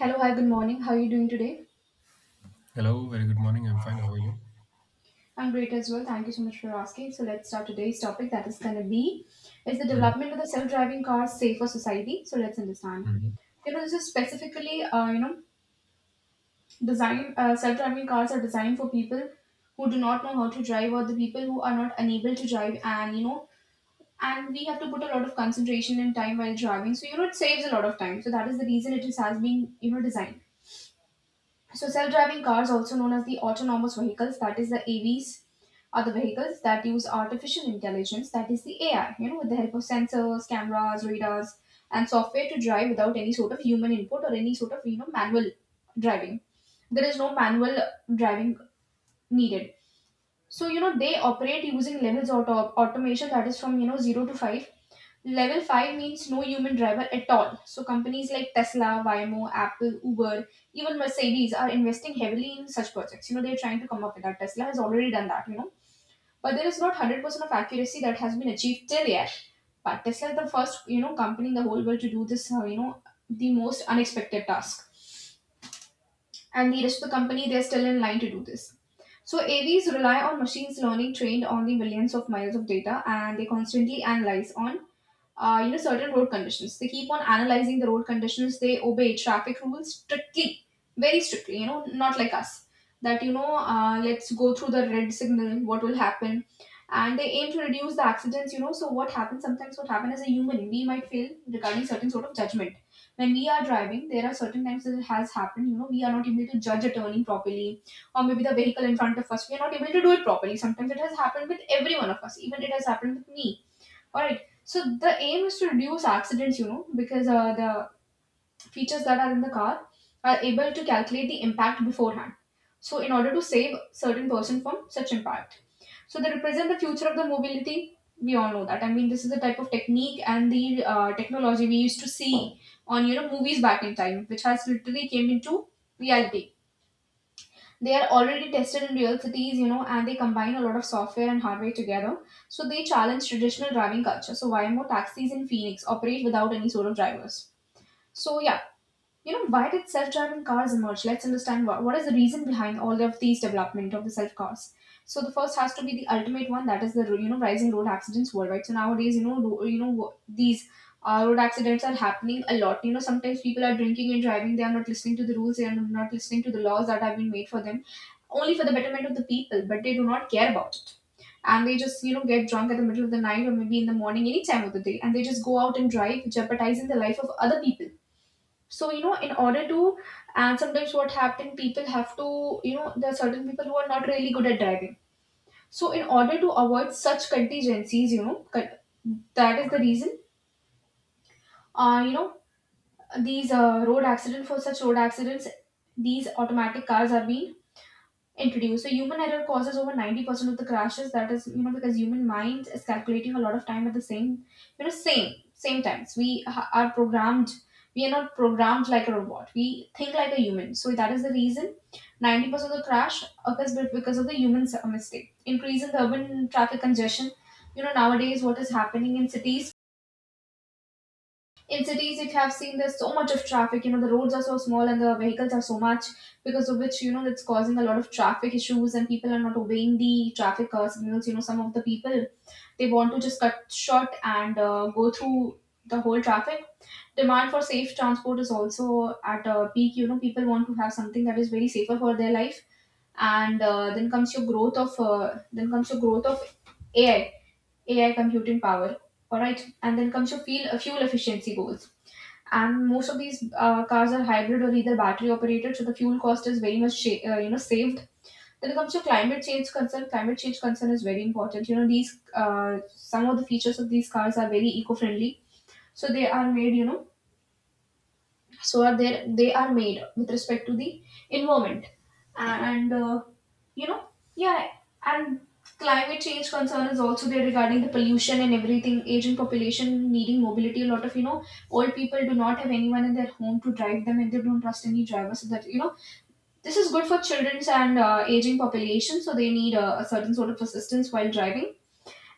Hello, hi, good morning. How are you doing today? Hello, very good morning. I'm fine. How are you? I'm great as well. Thank you so much for asking. So let's start today's topic, that is going to be is the Mhm, development of the self-driving car safe for society? So let's understand. mhm. This is specifically, design self-driving cars are designed for people who do not know how to drive, or the people who are not unable to drive, and, we have to put a lot of concentration and time while driving. So, it saves a lot of time. So that is the reason it has been, designed. So self-driving cars, also known as the autonomous vehicles, that is the AVs, are the vehicles that use artificial intelligence, that is the AI, with the help of sensors, cameras, radars, and software to drive without any sort of human input or any sort of manual driving. There is no manual driving needed. So they operate using levels of automation, that is from 0 to 5. Level 5 means no human driver at all. So companies like Tesla, Waymo, Apple, Uber, even Mercedes are investing heavily in such projects. You know, they're trying to come up with that. Tesla has already done that, you know. But there is not 100% of accuracy that has been achieved till yet. But Tesla is the first, company in the whole world to do this, the most unexpected task. And the rest of the company, they're still in line to do this. So AVs rely on machines learning trained on the millions of miles of data, and they constantly analyze on certain road conditions. They keep on analyzing the road conditions. They obey traffic rules strictly, very strictly. You know, not like us that let's go through the red signal. What will happen? And they aim to reduce the accidents. You know, so what happens sometimes? What happens, as a human, we might fail regarding certain sort of judgment. When we are driving, there are certain times that it has happened. You know, we are not able to judge a turning properly, or maybe the vehicle in front of us, we are not able to do it properly. Sometimes it has happened with every one of us. Even it has happened with me, all right. So the aim is to reduce accidents, you know, because the features that are in the car are able to calculate the impact beforehand. So in order to save certain person from such impact, so they represent the future of the mobility. We all know that. I mean, this is the type of technique and the technology we used to see on movies back in time, which has literally came into reality. They are already tested in real cities, you know, and they combine a lot of software and hardware together. So they challenge traditional driving culture. So why more taxis in Phoenix operate without any sort of drivers? So yeah, you know, why did self-driving cars emerge? Let's understand what is the reason behind all of these development of the self cars. So the first has to be the ultimate one, that is the rising road accidents worldwide. So nowadays, these road accidents are happening a lot. You know, sometimes people are drinking and driving; they are not listening to the rules, they are not listening to the laws that have been made for them, only for the betterment of the people, but they do not care about it, and they just get drunk at the middle of the night or maybe in the morning, any time of the day, and they just go out and drive, jeopardizing the life of other people. So you know, in order to, and sometimes what happen, people have to, you know, there are certain people who are not really good at driving. So in order to avoid such contingencies, that is the reason, uh you know these road accident, for such road accidents, these automatic cars are being introduced. So human error causes over 90% of the crashes. That is, you know, because human mind is calculating a lot of time at the same, you know, same same times. Are programmed. We are not programmed like a robot. We think like a human. So that is the reason 90% of the crash occurs because of the human mistake. Increase in the urban traffic congestion. You know, nowadays, what is happening in cities, if you have seen, there's so much of traffic, you know, the roads are so small and the vehicles are so much, because of which, you know, that's causing a lot of traffic issues, and people are not obeying the traffic signals. You know, some of the people, they want to just cut short and go through the whole traffic. Demand for safe transport is also at a peak. You know, people want to have something that is very safer for their life. And then comes your growth of AI, AI computing power, all right. And then comes your fuel efficiency goals. And most of these cars are hybrid or either battery operated, so the fuel cost is very much you know, saved. Then it comes to climate change concern is very important. You know, these some of the features of these cars are very eco friendly. So they are made, you know, so are there they are made with respect to the environment. And you know yeah and climate change concern is also there, regarding the pollution and everything. Aging population needing mobility, a lot of, you know, old people do not have anyone in their home to drive them, and they don't trust any driver. So that, you know, this is good for children's and aging population, so they need a certain sort of assistance while driving.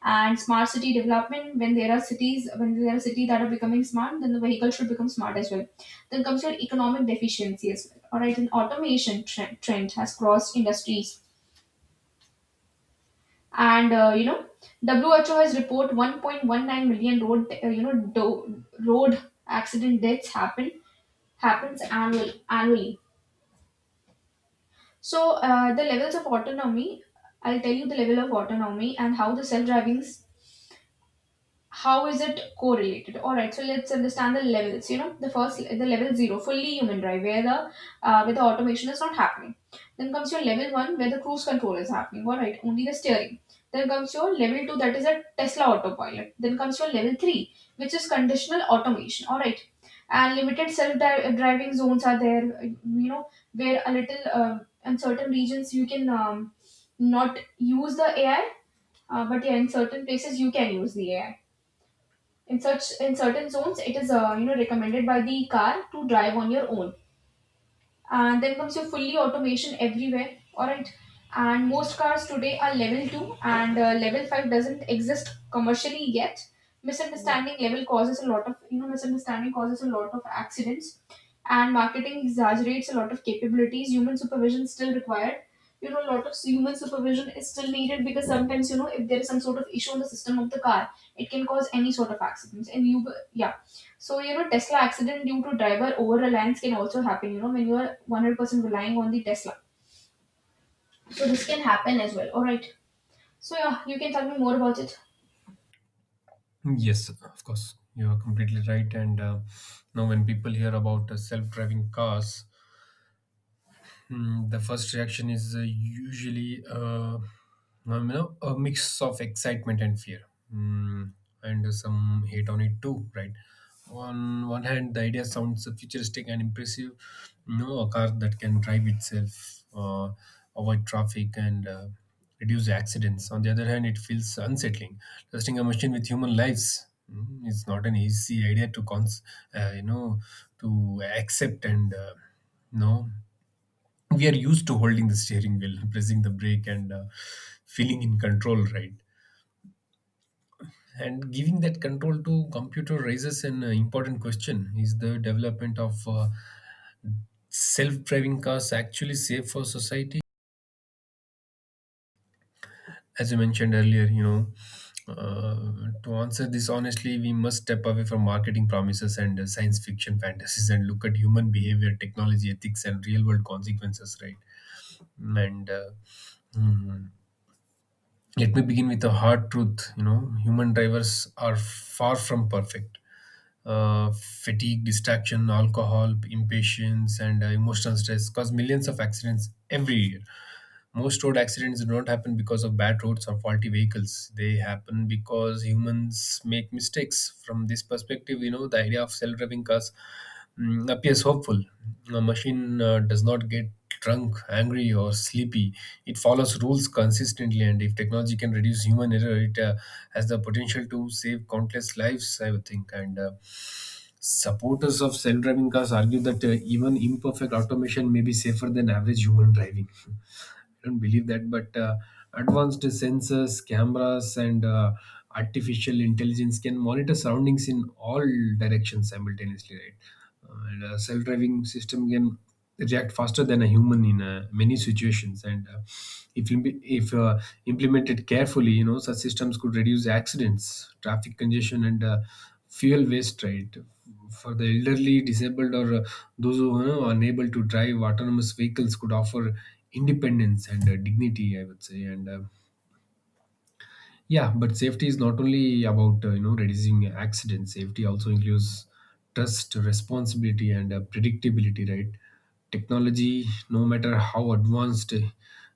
And smart city development, when there are cities that are becoming smart, then the vehicle should become smart as well. Then comes your economic deficiency as well, all right. And automation trend has crossed industries. And WHO has report 1.19 million road road accident deaths happen happens annually. So the levels of autonomy, I'll tell you the level of autonomy and how the self-driving how is it correlated. All right, so let's understand the levels. You know, the level 0, fully human drive, where the automation is not happening. Then comes your level 1, where the cruise control is happening, all right, only the steering. Then comes your level 2, that is a Tesla autopilot. Then comes your level 3, which is conditional automation, all right, and limited self-driving zones are there. You know where a little in certain regions, you can not use the AI, but yeah, in certain places you can use the AI. In such in certain zones, it is, recommended by the car to drive on your own. And then comes your fully automation everywhere, all right. And most cars today are level 2, and level 5 doesn't exist commercially yet. Misunderstanding level causes a lot of, misunderstanding causes a lot of accidents. And marketing exaggerates a lot of capabilities. Human supervision still required. You know, a lot of human supervision is still needed, because sometimes, you know, if there is some sort of issue in the system of the car, it can cause any sort of accidents. And you, yeah, so, you know, Tesla accident due to driver over reliance can also happen, you know, when you are 100% relying on the Tesla. So, this can happen as well. All right. So, yeah, you can tell me more about it. Yes, of course. You are completely right. And now, when people hear about self driving cars, The first reaction is usually a mix of excitement and fear. Hmm, and some hate on it too, right? On one hand, the idea sounds futuristic and impressive. You know, a car that can drive itself, avoid traffic, and reduce accidents. On the other hand, it feels unsettling. Testing a machine with human lives is not an easy idea to uh, you know, to accept and no we are used to holding the steering wheel, pressing the brake, and feeling in control, right? And giving that control to computer raises an important question: is the development of self-driving cars actually safe for society? As you mentioned earlier, you know, to answer this honestly, we must step away from marketing promises and science fiction fantasies and look at human behavior, technology, ethics, and real-world consequences, right? And hmm. Let me begin with a hard truth. You know, human drivers are far from perfect. Fatigue, distraction, alcohol, impatience, and emotional stress cause millions of accidents every year. Most road accidents do not happen because of bad roads or faulty vehicles. They happen because humans make mistakes. From this perspective, you know, the idea of self driving cars appears hopeful. A machine does not get drunk, angry, or sleepy. It follows rules consistently, and if technology can reduce human error, it has the potential to save countless lives, I would think. And Supporters of self driving cars argue that even imperfect automation may be safer than average human driving. I don't believe that, but advanced sensors, cameras, and artificial intelligence can monitor surroundings in all directions simultaneously, right? And a self-driving system can react faster than a human in many situations, and if implemented carefully, you know such systems could reduce accidents, traffic congestion, and fuel waste. Right, for the elderly, disabled, or those who, you know, are unable to drive, autonomous vehicles could offer independence and dignity, I would say. But safety is not only about you know reducing accidents. Safety also includes trust, responsibility, and predictability. Right? Technology, no matter how advanced, you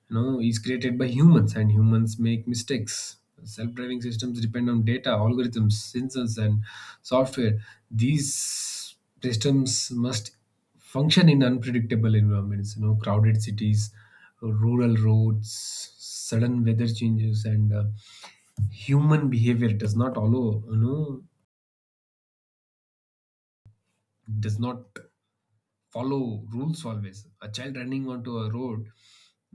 know, is created by humans, and humans make mistakes. Self-driving systems depend on data, algorithms, sensors, and software. These systems must function in unpredictable environments. You know, crowded cities, rural roads, sudden weather changes, and human behavior does not follow rules always. A child running onto a road,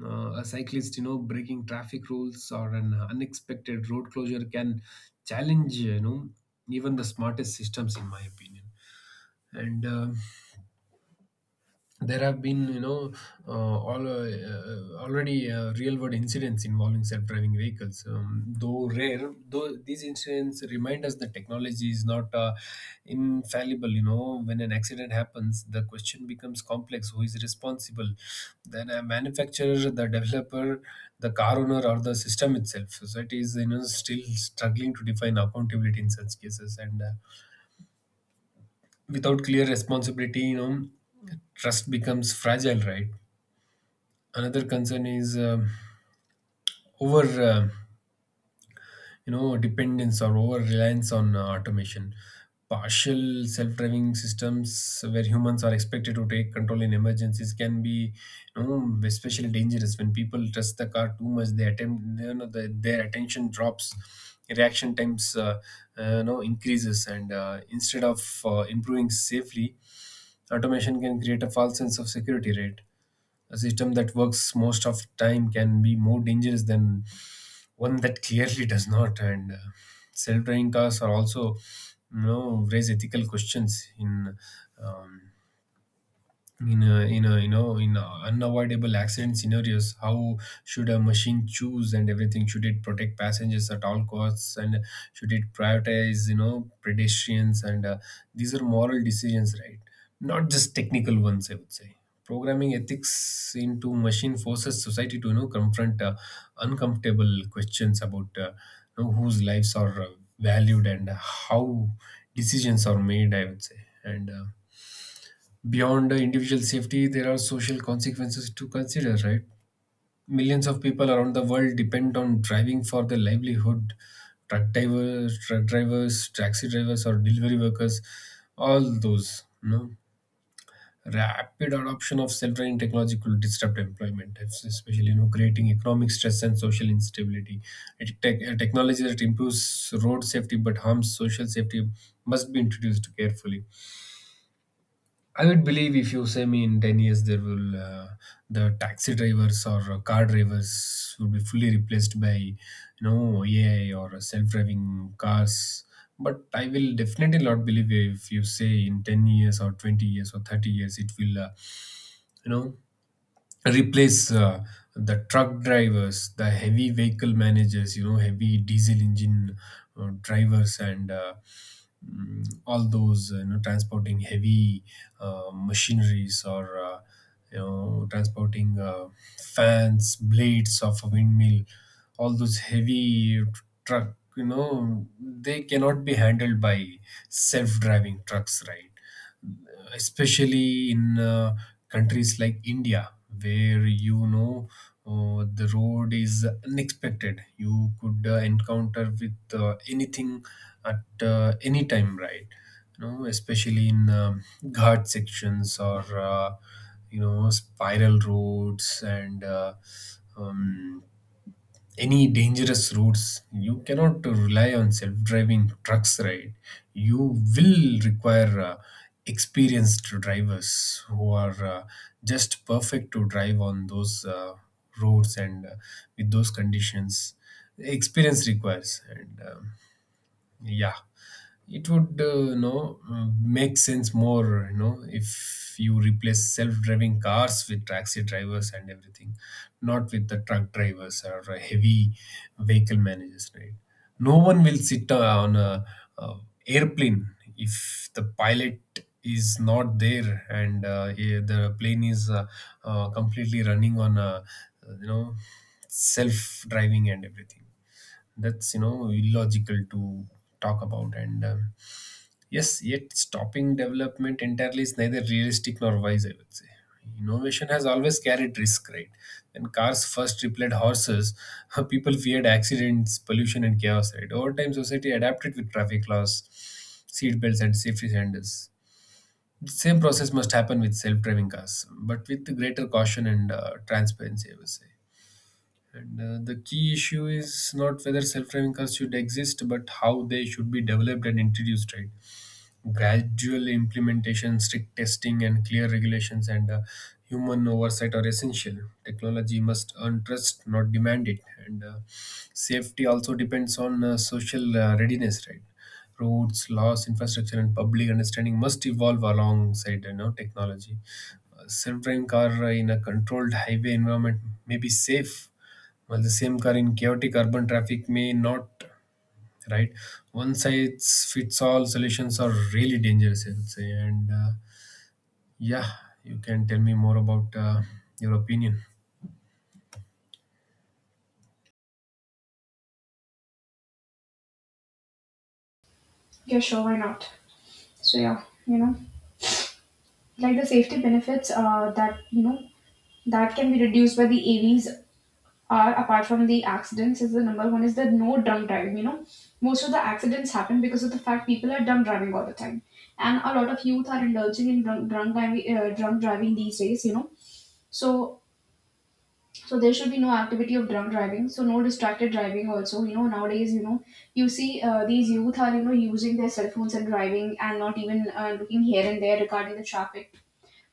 a cyclist, you know, breaking traffic rules, or an unexpected road closure can challenge, you know, even the smartest systems, in my opinion. And There have been, you know, already real world incidents involving self-driving vehicles, though rare, though these incidents remind us that technology is not infallible. You know, when an accident happens the question becomes complex: who is responsible? Then, a manufacturer, the developer, the car owner, or the system itself? Society is, you know, still struggling to define accountability in such cases, and without clear responsibility, you know, trust becomes fragile, right? Another concern is, over, uh, you know, dependence or over reliance on automation. Partial self-driving systems where humans are expected to take control in emergencies can be, you know, especially dangerous. When people trust the car too much they attempt, you know, their attention drops, reaction times, you know, increases, and instead of improving safely, automation can create a false sense of security. Right, a system that works most of the time can be more dangerous than one that clearly does not. And Self-driving cars are also, you know, raise ethical questions in, um, in a you know, in a unavoidable accident scenarios, how should a machine choose and everything? Should it protect passengers at all costs? And should it prioritize, you know, pedestrians? And these are moral decisions, right? Not just technical ones, I would say. Programming ethics into machine forces society to, you know, confront uncomfortable questions about, you know, whose lives are valued and how decisions are made, I would say. And Beyond the individual safety, there are social consequences to consider, right? Millions of people around the world depend on driving for their livelihood. Truck drivers, taxi drivers, or delivery workers, all those, you know. Rapid adoption of self-driving technology could disrupt employment, especially, you know, creating economic stress and social instability. Technology that improves road safety but harms social safety must be introduced carefully. I would believe, if you say me, in 10 years there will the taxi drivers or car drivers will be fully replaced by, you know, AI or self-driving cars. But I will definitely not believe if you say in 10 years or 20 years or 30 years, it will, you know, replace the truck drivers, the heavy vehicle managers, you know, heavy diesel engine drivers, and all those, you know, transporting heavy machineries, or you know, transporting fans, blades of a windmill, all those heavy truck, you know, they cannot be handled by self driving trucks, right? Especially in countries like India, where, you know, the road is unexpected. You could encounter with anything at any time, right? You know, especially in, ghat sections or, you know, spiral roads, and um, any dangerous routes, you cannot rely on self-driving trucks, right? You will require experienced drivers who are just perfect to drive on those roads and with those conditions. Experience requires, and yeah, it would, you know, make sense more, you know, if you replace self-driving cars with taxi drivers and everything, not with the truck drivers or heavy vehicle managers, right? No one will sit on a, uh airplane if the pilot is not there and, the plane is completely running on a, you know, self-driving and everything. That's, you know, illogical to talk about. And yes, yet stopping development entirely is neither realistic nor wise, I would say. Innovation has always carried risk, right? When cars first replaced horses, people feared accidents, pollution, and chaos, right? Over time, society adapted with traffic laws, seat belts, and safety standards. The same process must happen with self driving cars, but with greater caution and transparency, I would say. And The key issue is not whether self driving cars should exist, but how they should be developed and introduced, right? Gradual implementation, strict testing, and clear regulations and human oversight are essential. Technology must earn trust, not demand it. And Safety also depends on social readiness, right? Roads, laws, infrastructure, and public understanding must evolve alongside, you know, technology. A self-driving car in a controlled highway environment may be safe, while the same car in chaotic urban traffic may not. Right, one size fits all solutions are really dangerous, I would say. And yeah You can tell me more about your opinion. Yeah, sure. Why not? So, yeah, you know, like the safety benefits that, you know, that can be reduced by the AVs are apart from the accidents is the number one is the no drunk driving. Most of the accidents happen because of the fact people are drunk driving all the time, and a lot of youth are indulging in drunk driving these days you know so so there should be no activity of drunk driving, so no distracted driving also, you know, nowadays, you know, you see these youth are, you know, using their cell phones and driving and not even looking here and there regarding the traffic.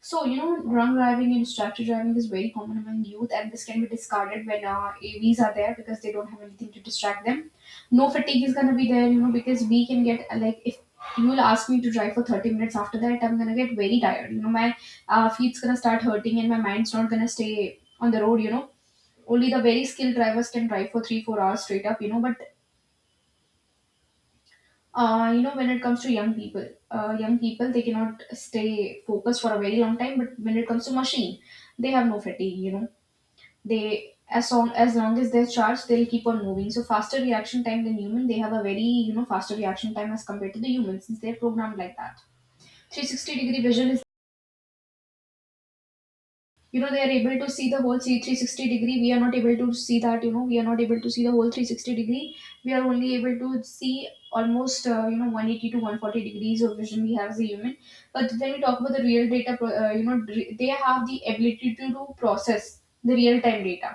So, you know, drunk driving and distracted driving is very common among youth, and this can be discarded when AVs are there because they don't have anything to distract them. No fatigue is gonna be there, you know, because we can get like if you will ask me to drive for 30 minutes, after that I'm gonna get very tired. You know, my feet's gonna start hurting and my mind's not gonna stay on the road, you know. Only the very skilled drivers can drive for three, 4 hours straight up, you know, but you know, when it comes to young people, young people they cannot stay focused for a very long time. But when it comes to machine, they have no fatigue, you know. They, as long as they're charged, they'll keep on moving. So faster reaction time than human. They have a very, you know, faster reaction time as compared to the humans since they're programmed like that. 360 degree vision is, you know, they are able to see the whole 360 degree. We are not able to see that, you know. We are not able to see the whole 360 degree. We are only able to see almost you know, 180 to 140 degrees of vision we have as a human. But when we talk about the real you know, they have the ability to do process the real time data.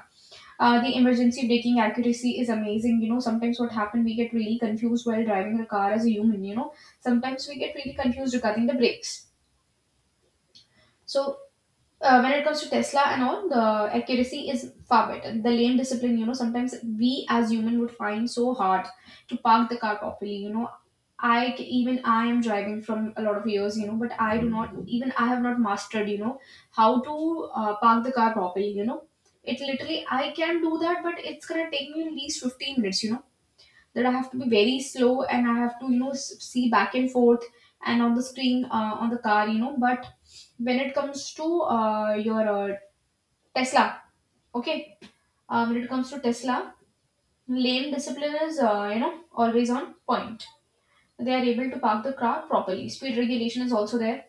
The emergency braking accuracy is amazing, you know. Sometimes what happen, we get really confused while driving a car as a human, you know. Sometimes we get really confused regarding the brakes. So when it comes to Tesla and all, the accuracy is far better. The lane discipline, you know, sometimes we as human would find so hard to park the car properly. You know, even I am driving from a lot of years, you know, but I do not even, I have not mastered, you know, how to park the car properly. You know, it literally, I can do that, but it's gonna take me at least 15 minutes. You know, that I have to be very slow and I have to, you know, see back and forth and on the screen on the car, you know. But when it comes to your Tesla, okay, when it comes to Tesla, lane discipline is you know, always on point. They are able to park the car properly. Speed regulation is also there.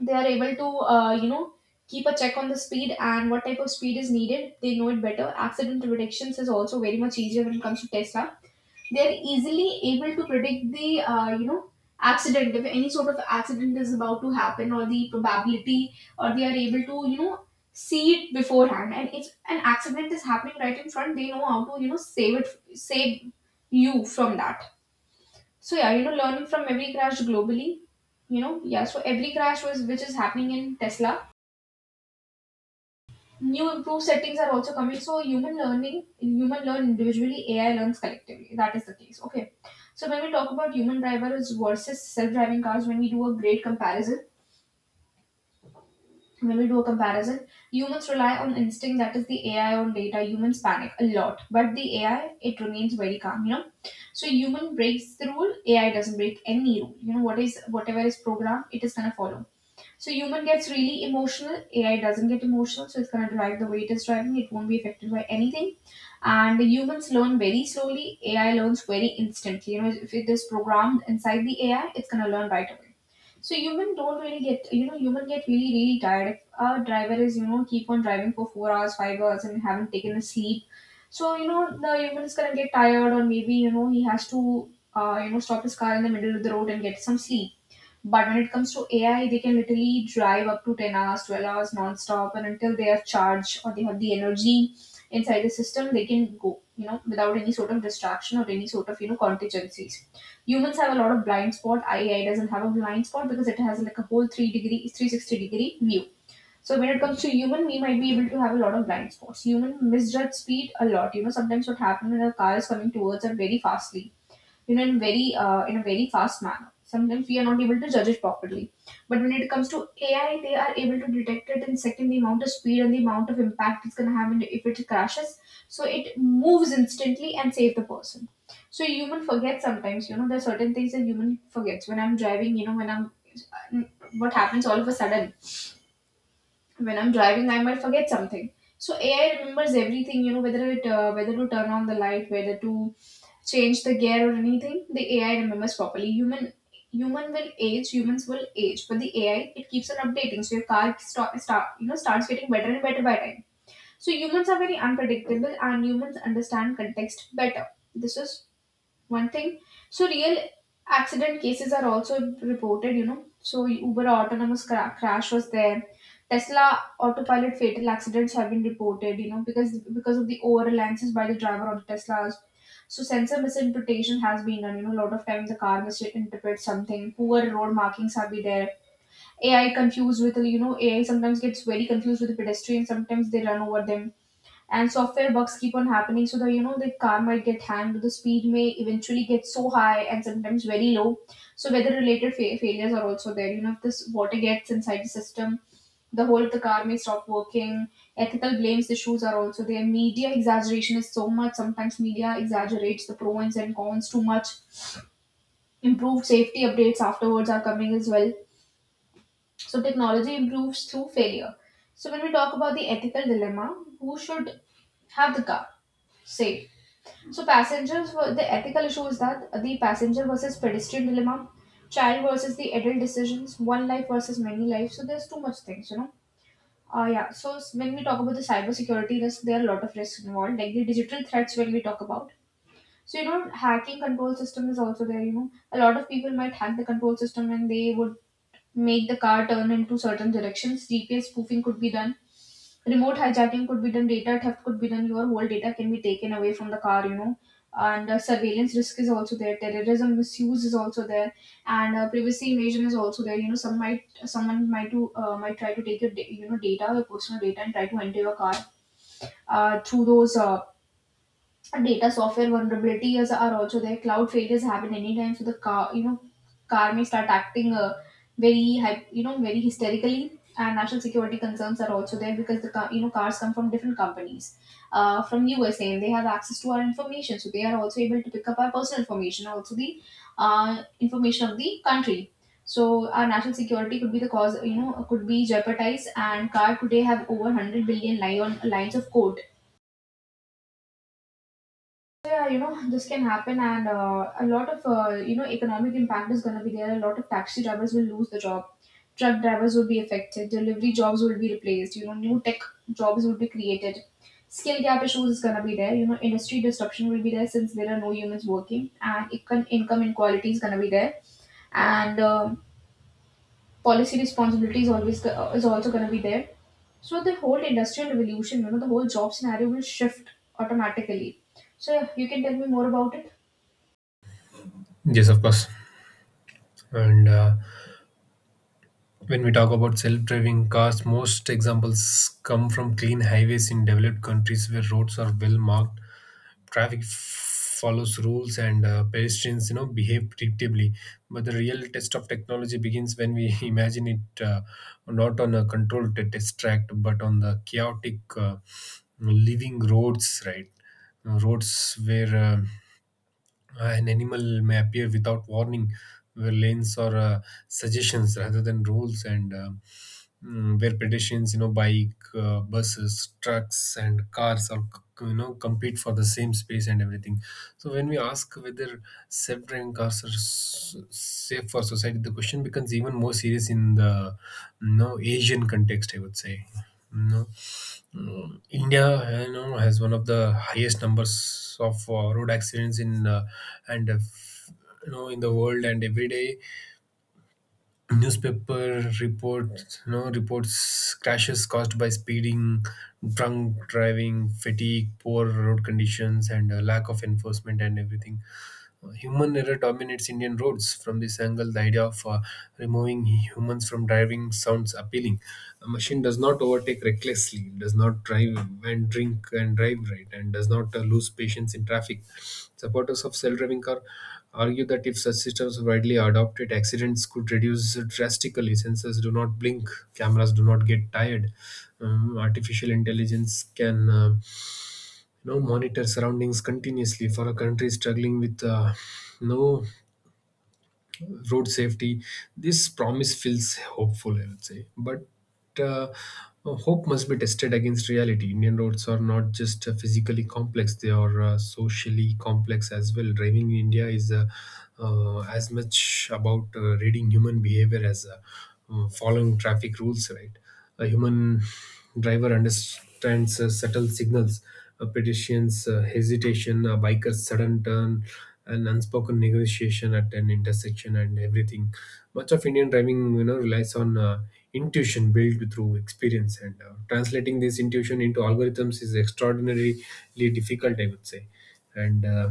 They are able to you know, keep a check on the speed and what type of speed is needed. They know it better. Accident predictions is also very much easier when it comes to Tesla. They're easily able to predict the you know, accident if any sort of accident is about to happen, or the probability, or they are able to, you know, see it beforehand. And if an accident is happening right in front, they know how to, you know, save you from that. So yeah, you know, learning from every crash globally, you know. Yeah, so every crash was which is happening in Tesla, new improved settings are also coming. So human learning human learn individually, AI learns collectively. That is the case. Okay, so when we talk about human drivers versus self-driving cars, when we do a great comparison, when we do a comparison, humans rely on instinct, that is the AI on data. Humans panic a lot, but the AI, it remains very calm, you know. So human breaks the rule, AI doesn't break any rule, you know. What is, whatever is programmed, it is going to follow. So human gets really emotional. AI doesn't get emotional, so it's gonna drive the way it is driving. It won't be affected by anything. And the humans learn very slowly. AI learns very instantly. You know, if it is programmed inside the AI, it's gonna learn right away. So human don't really get, you know, human get really really tired if a driver is, you know, keep on driving for 4 hours, 5 hours, and haven't taken a sleep. So, you know, the human is gonna get tired, or maybe, you know, he has to you know, stop his car in the middle of the road and get some sleep. But when it comes to AI, they can literally drive up to 10 hours, 12 hours non-stop, and until they are charged or they have the energy inside the system, they can go, you know, without any sort of distraction or any sort of, you know, contingencies. Humans have a lot of blind spot. AI doesn't have a blind spot because it has like a whole three degree, 360 degree view. So when it comes to human, we might be able to have a lot of blind spots. Human misjudge speed a lot. You know, sometimes what happens when a car is coming towards us very fastly, you know, in very in a very fast manner, sometimes we are not able to judge it properly. But when it comes to AI, they are able to detect it in second, the amount of speed and the amount of impact it's going to have if it crashes. So it moves instantly and save the person. So human forgets sometimes, you know, there are certain things that human forgets. When I'm driving, you know, when I'm what happens all of a sudden when I'm driving, I might forget something. So AI remembers everything, you know, whether it whether to turn on the light, whether to change the gear or anything. The AI remembers properly. Human will age, humans will age, but the AI, it keeps on updating. So your car start, start you know, starts getting better and better by time. So humans are very unpredictable, and humans understand context better. This is one thing. So real accident cases are also reported, you know. So Uber autonomous crash was there. Tesla autopilot fatal accidents have been reported, you know, because of the over reliances by the driver on Teslas. So sensor misinterpretation has been done, you know. A lot of time the car misinterprets something. Poor road markings have been there. AI confused with, you know, AI sometimes gets very confused with the pedestrians, sometimes they run over them. And software bugs keep on happening, so the, you know, the car might get hanged, the speed may eventually get so high and sometimes very low. So weather related failures are also there, you know. If this water gets inside the system, the whole of the car may stop working. Ethical blames issues are also there. Media exaggeration is so much, sometimes media exaggerates the pros and cons too much. Improved safety updates afterwards are coming as well. So technology improves through failure. So when we talk about the ethical dilemma, who should have the car say. So passengers were the ethical issue is that the passenger versus pedestrian dilemma, child versus the adult decisions, one life versus many lives. So there's too much things, you know. Yeah. So when we talk about the cybersecurity risk, there are a lot of risks involved, like the digital threats when we talk about. So you know, hacking control system is also there. You know, a lot of people might hack the control system and they would make the car turn into certain directions. GPS spoofing could be done, remote hijacking could be done, data theft could be done, your whole data can be taken away from the car, you know. And surveillance risk is also there, terrorism misuse is also there, and privacy invasion is also there. You know, someone might do might try to take your you know, data, your personal data, and try to enter your car through those data. Software vulnerabilities are also there. Cloud failures happen anytime, so the car, you know, car may start acting very, you know, very hysterically. And national security concerns are also there because the car, you know, cars come from different companies, from USA, and they have access to our information, so they are also able to pick up our personal information, also the information of the country. So our national security could be the cause, you know, could be jeopardized. And car today have over 100 billion lines of code. So, yeah, you know, this can happen. And a lot of you know, economic impact is going to be there. A lot of taxi drivers will lose the job, truck drivers will be affected, delivery jobs will be replaced, you know, new tech jobs will be created. Skill gap issues is going to be there, you know. Industry disruption will be there since there are no humans working, and income inequality is going to be there. And um, policy responsibility is is also going to be there. So the whole industrial revolution, you know, the whole job scenario will shift automatically. So yeah, you can tell me more about it. Yes, of course. And When we talk about self driving cars, most examples come from clean highways in developed countries where roads are well marked, follows rules, and pedestrians, you know, behave predictably. But the real test of technology begins when we imagine it, not on a controlled test track but on the chaotic, living roads, right? Roads where, an animal may appear without warning, where lanes or, suggestions rather than rules, and, where pedestrians, you know, bike, buses, trucks, and cars you know, compete for the same space and everything. So when we ask whether self-driving cars are safe for society, the question becomes even more serious in the, you know, Asian context, I would say. No. India, you know, has one of the highest numbers of road accidents in, and uh, f- you know, in the world. And every day, newspaper reports, you know, reports crashes caused by speeding, drunk driving, fatigue, poor road conditions, and lack of enforcement and everything. Human error dominates Indian roads. From this angle, the idea of removing humans from driving sounds appealing. A machine does not overtake recklessly, does not drive and drink and drive, right, and does not lose patience in traffic. Supporters of self-driving car argue that if such systems were widely adopted, accidents could reduce drastically. Sensors do not blink, cameras do not get tired. Artificial intelligence can monitor surroundings continuously for a country struggling with no road safety. This promise feels hopeful, I would say, but uh, hope must be tested against reality. Indian roads are not just physically complex, they are socially complex as well. Driving in India is as much about reading human behavior as following traffic rules, right? A human driver understands subtle signals, a pedestrian's hesitation, a biker's sudden turn, an unspoken negotiation at an intersection, and everything. Much of Indian driving, relies on intuition built through experience, and translating this intuition into algorithms is extraordinarily difficult, I would say. And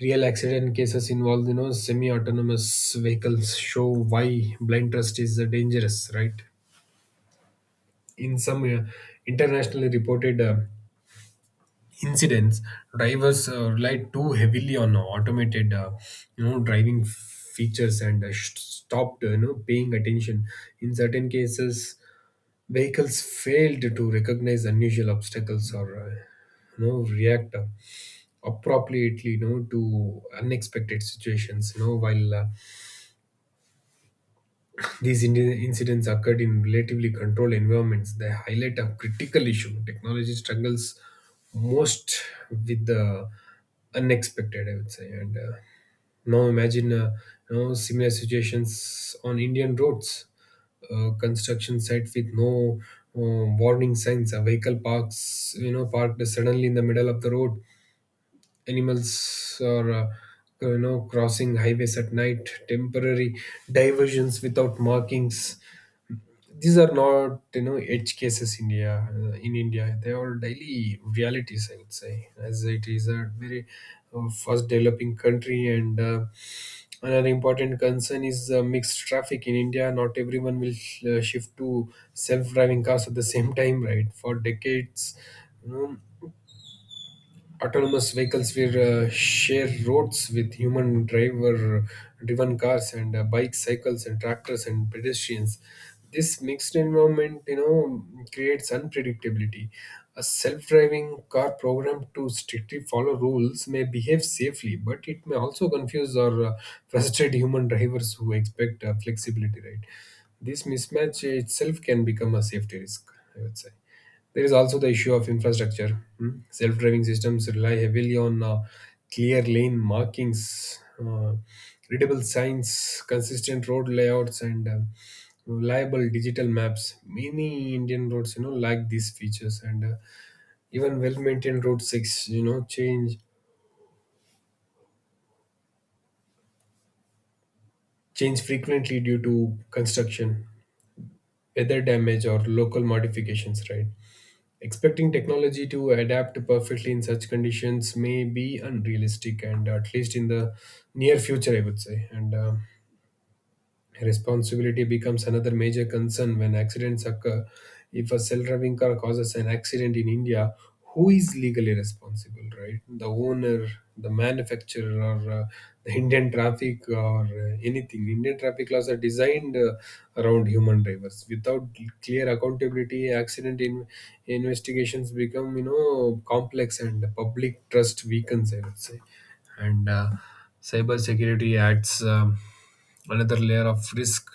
real accident cases involved, you know, semi-autonomous vehicles show why blind trust is dangerous, right? In some internationally reported incidents, drivers relied too heavily on automated driving features, and stopped paying attention. In certain cases, vehicles failed to recognize unusual obstacles or react appropriately to unexpected situations, you know while these incidents occurred in relatively controlled environments. They highlight a critical issue. Technology struggles most with the unexpected, I would say. And now imagine similar situations on Indian roads, construction site with no uh, warning signs, a vehicle parked suddenly in the middle of the road. Animals are, crossing highways at night, temporary diversions without markings. These are not, edge cases. India, in India they are daily realities, I would say, as it is a very fast developing country. And another important concern is mixed traffic in India. Not everyone will shift to self driving cars at the same time, right? For decades, you know autonomous vehicles will share roads with human driver driven cars, and bikes, cycles, and tractors, and pedestrians. This mixed environment, creates unpredictability. A self-driving car programmed to strictly follow rules may behave safely, but it may also confuse or frustrate human drivers who expect flexibility, right? This mismatch itself can become a safety risk, I would say. There is also the issue of infrastructure. Hmm. Self-driving systems rely heavily on clear lane markings, readable signs, consistent road layouts, and reliable digital maps. Many Indian roads, lack these features, and even well-maintained road six, change change frequently due to construction, weather damage, or local modifications. Right. Expecting technology to adapt perfectly in such conditions may be unrealistic, and at least in the near future, I would say. And responsibility becomes another major concern when accidents occur. If a self driving car causes an accident in India, who is legally responsible, right? The owner, the manufacturer, or the Indian traffic, or anything. Indian traffic laws are designed around human drivers. Without clear accountability, accident investigations become, you know, complex, and public trust weakens, I would say. And cyber security adds. Another layer of risk.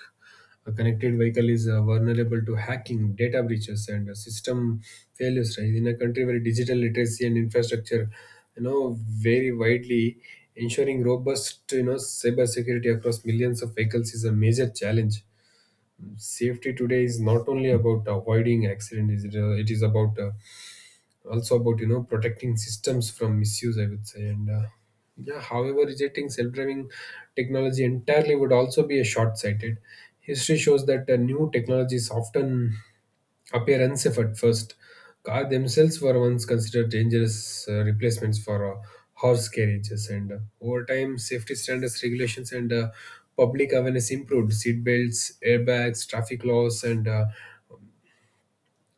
A connected vehicle is vulnerable to hacking, data breaches, and system failures. Right? In a country where digital literacy and infrastructure, vary widely, ensuring robust, cybersecurity across millions of vehicles is a major challenge. Safety today is not only about avoiding accident; is it, it is about also about, protecting systems from misuse, I would say. And yeah, however, rejecting self-driving technology entirely would also be a short-sighted. History shows that new technologies often appear unsafe at first. Car themselves were once considered dangerous replacements for horse carriages, and over time safety standards, regulations, and public awareness improved. Seat belts, airbags, traffic laws, and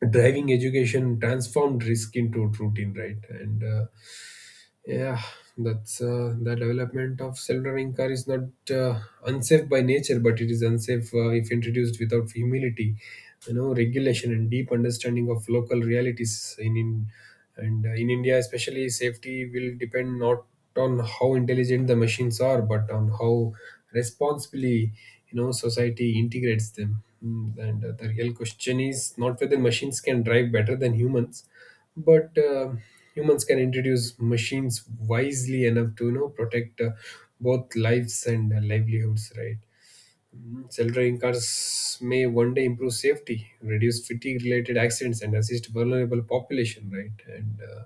driving education transformed risk into routine, right? And yeah, that's the development of self-driving car is not unsafe by nature, but it is unsafe if introduced without humility, regulation, and deep understanding of local realities. In, and in India especially, safety will depend not on how intelligent the machines are, but on how responsibly, society integrates them. Mm. And the real question is not whether machines can drive better than humans, but humans can introduce machines wisely enough to, protect both lives and livelihoods, right? Self-driving cars may one day improve safety, reduce fatigue related accidents, and assist vulnerable population, right? And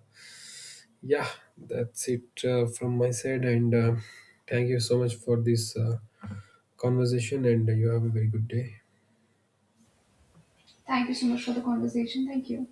yeah, that's it from my side, and thank you so much for this conversation, and you have a very good day. Thank you so much for the conversation. Thank you.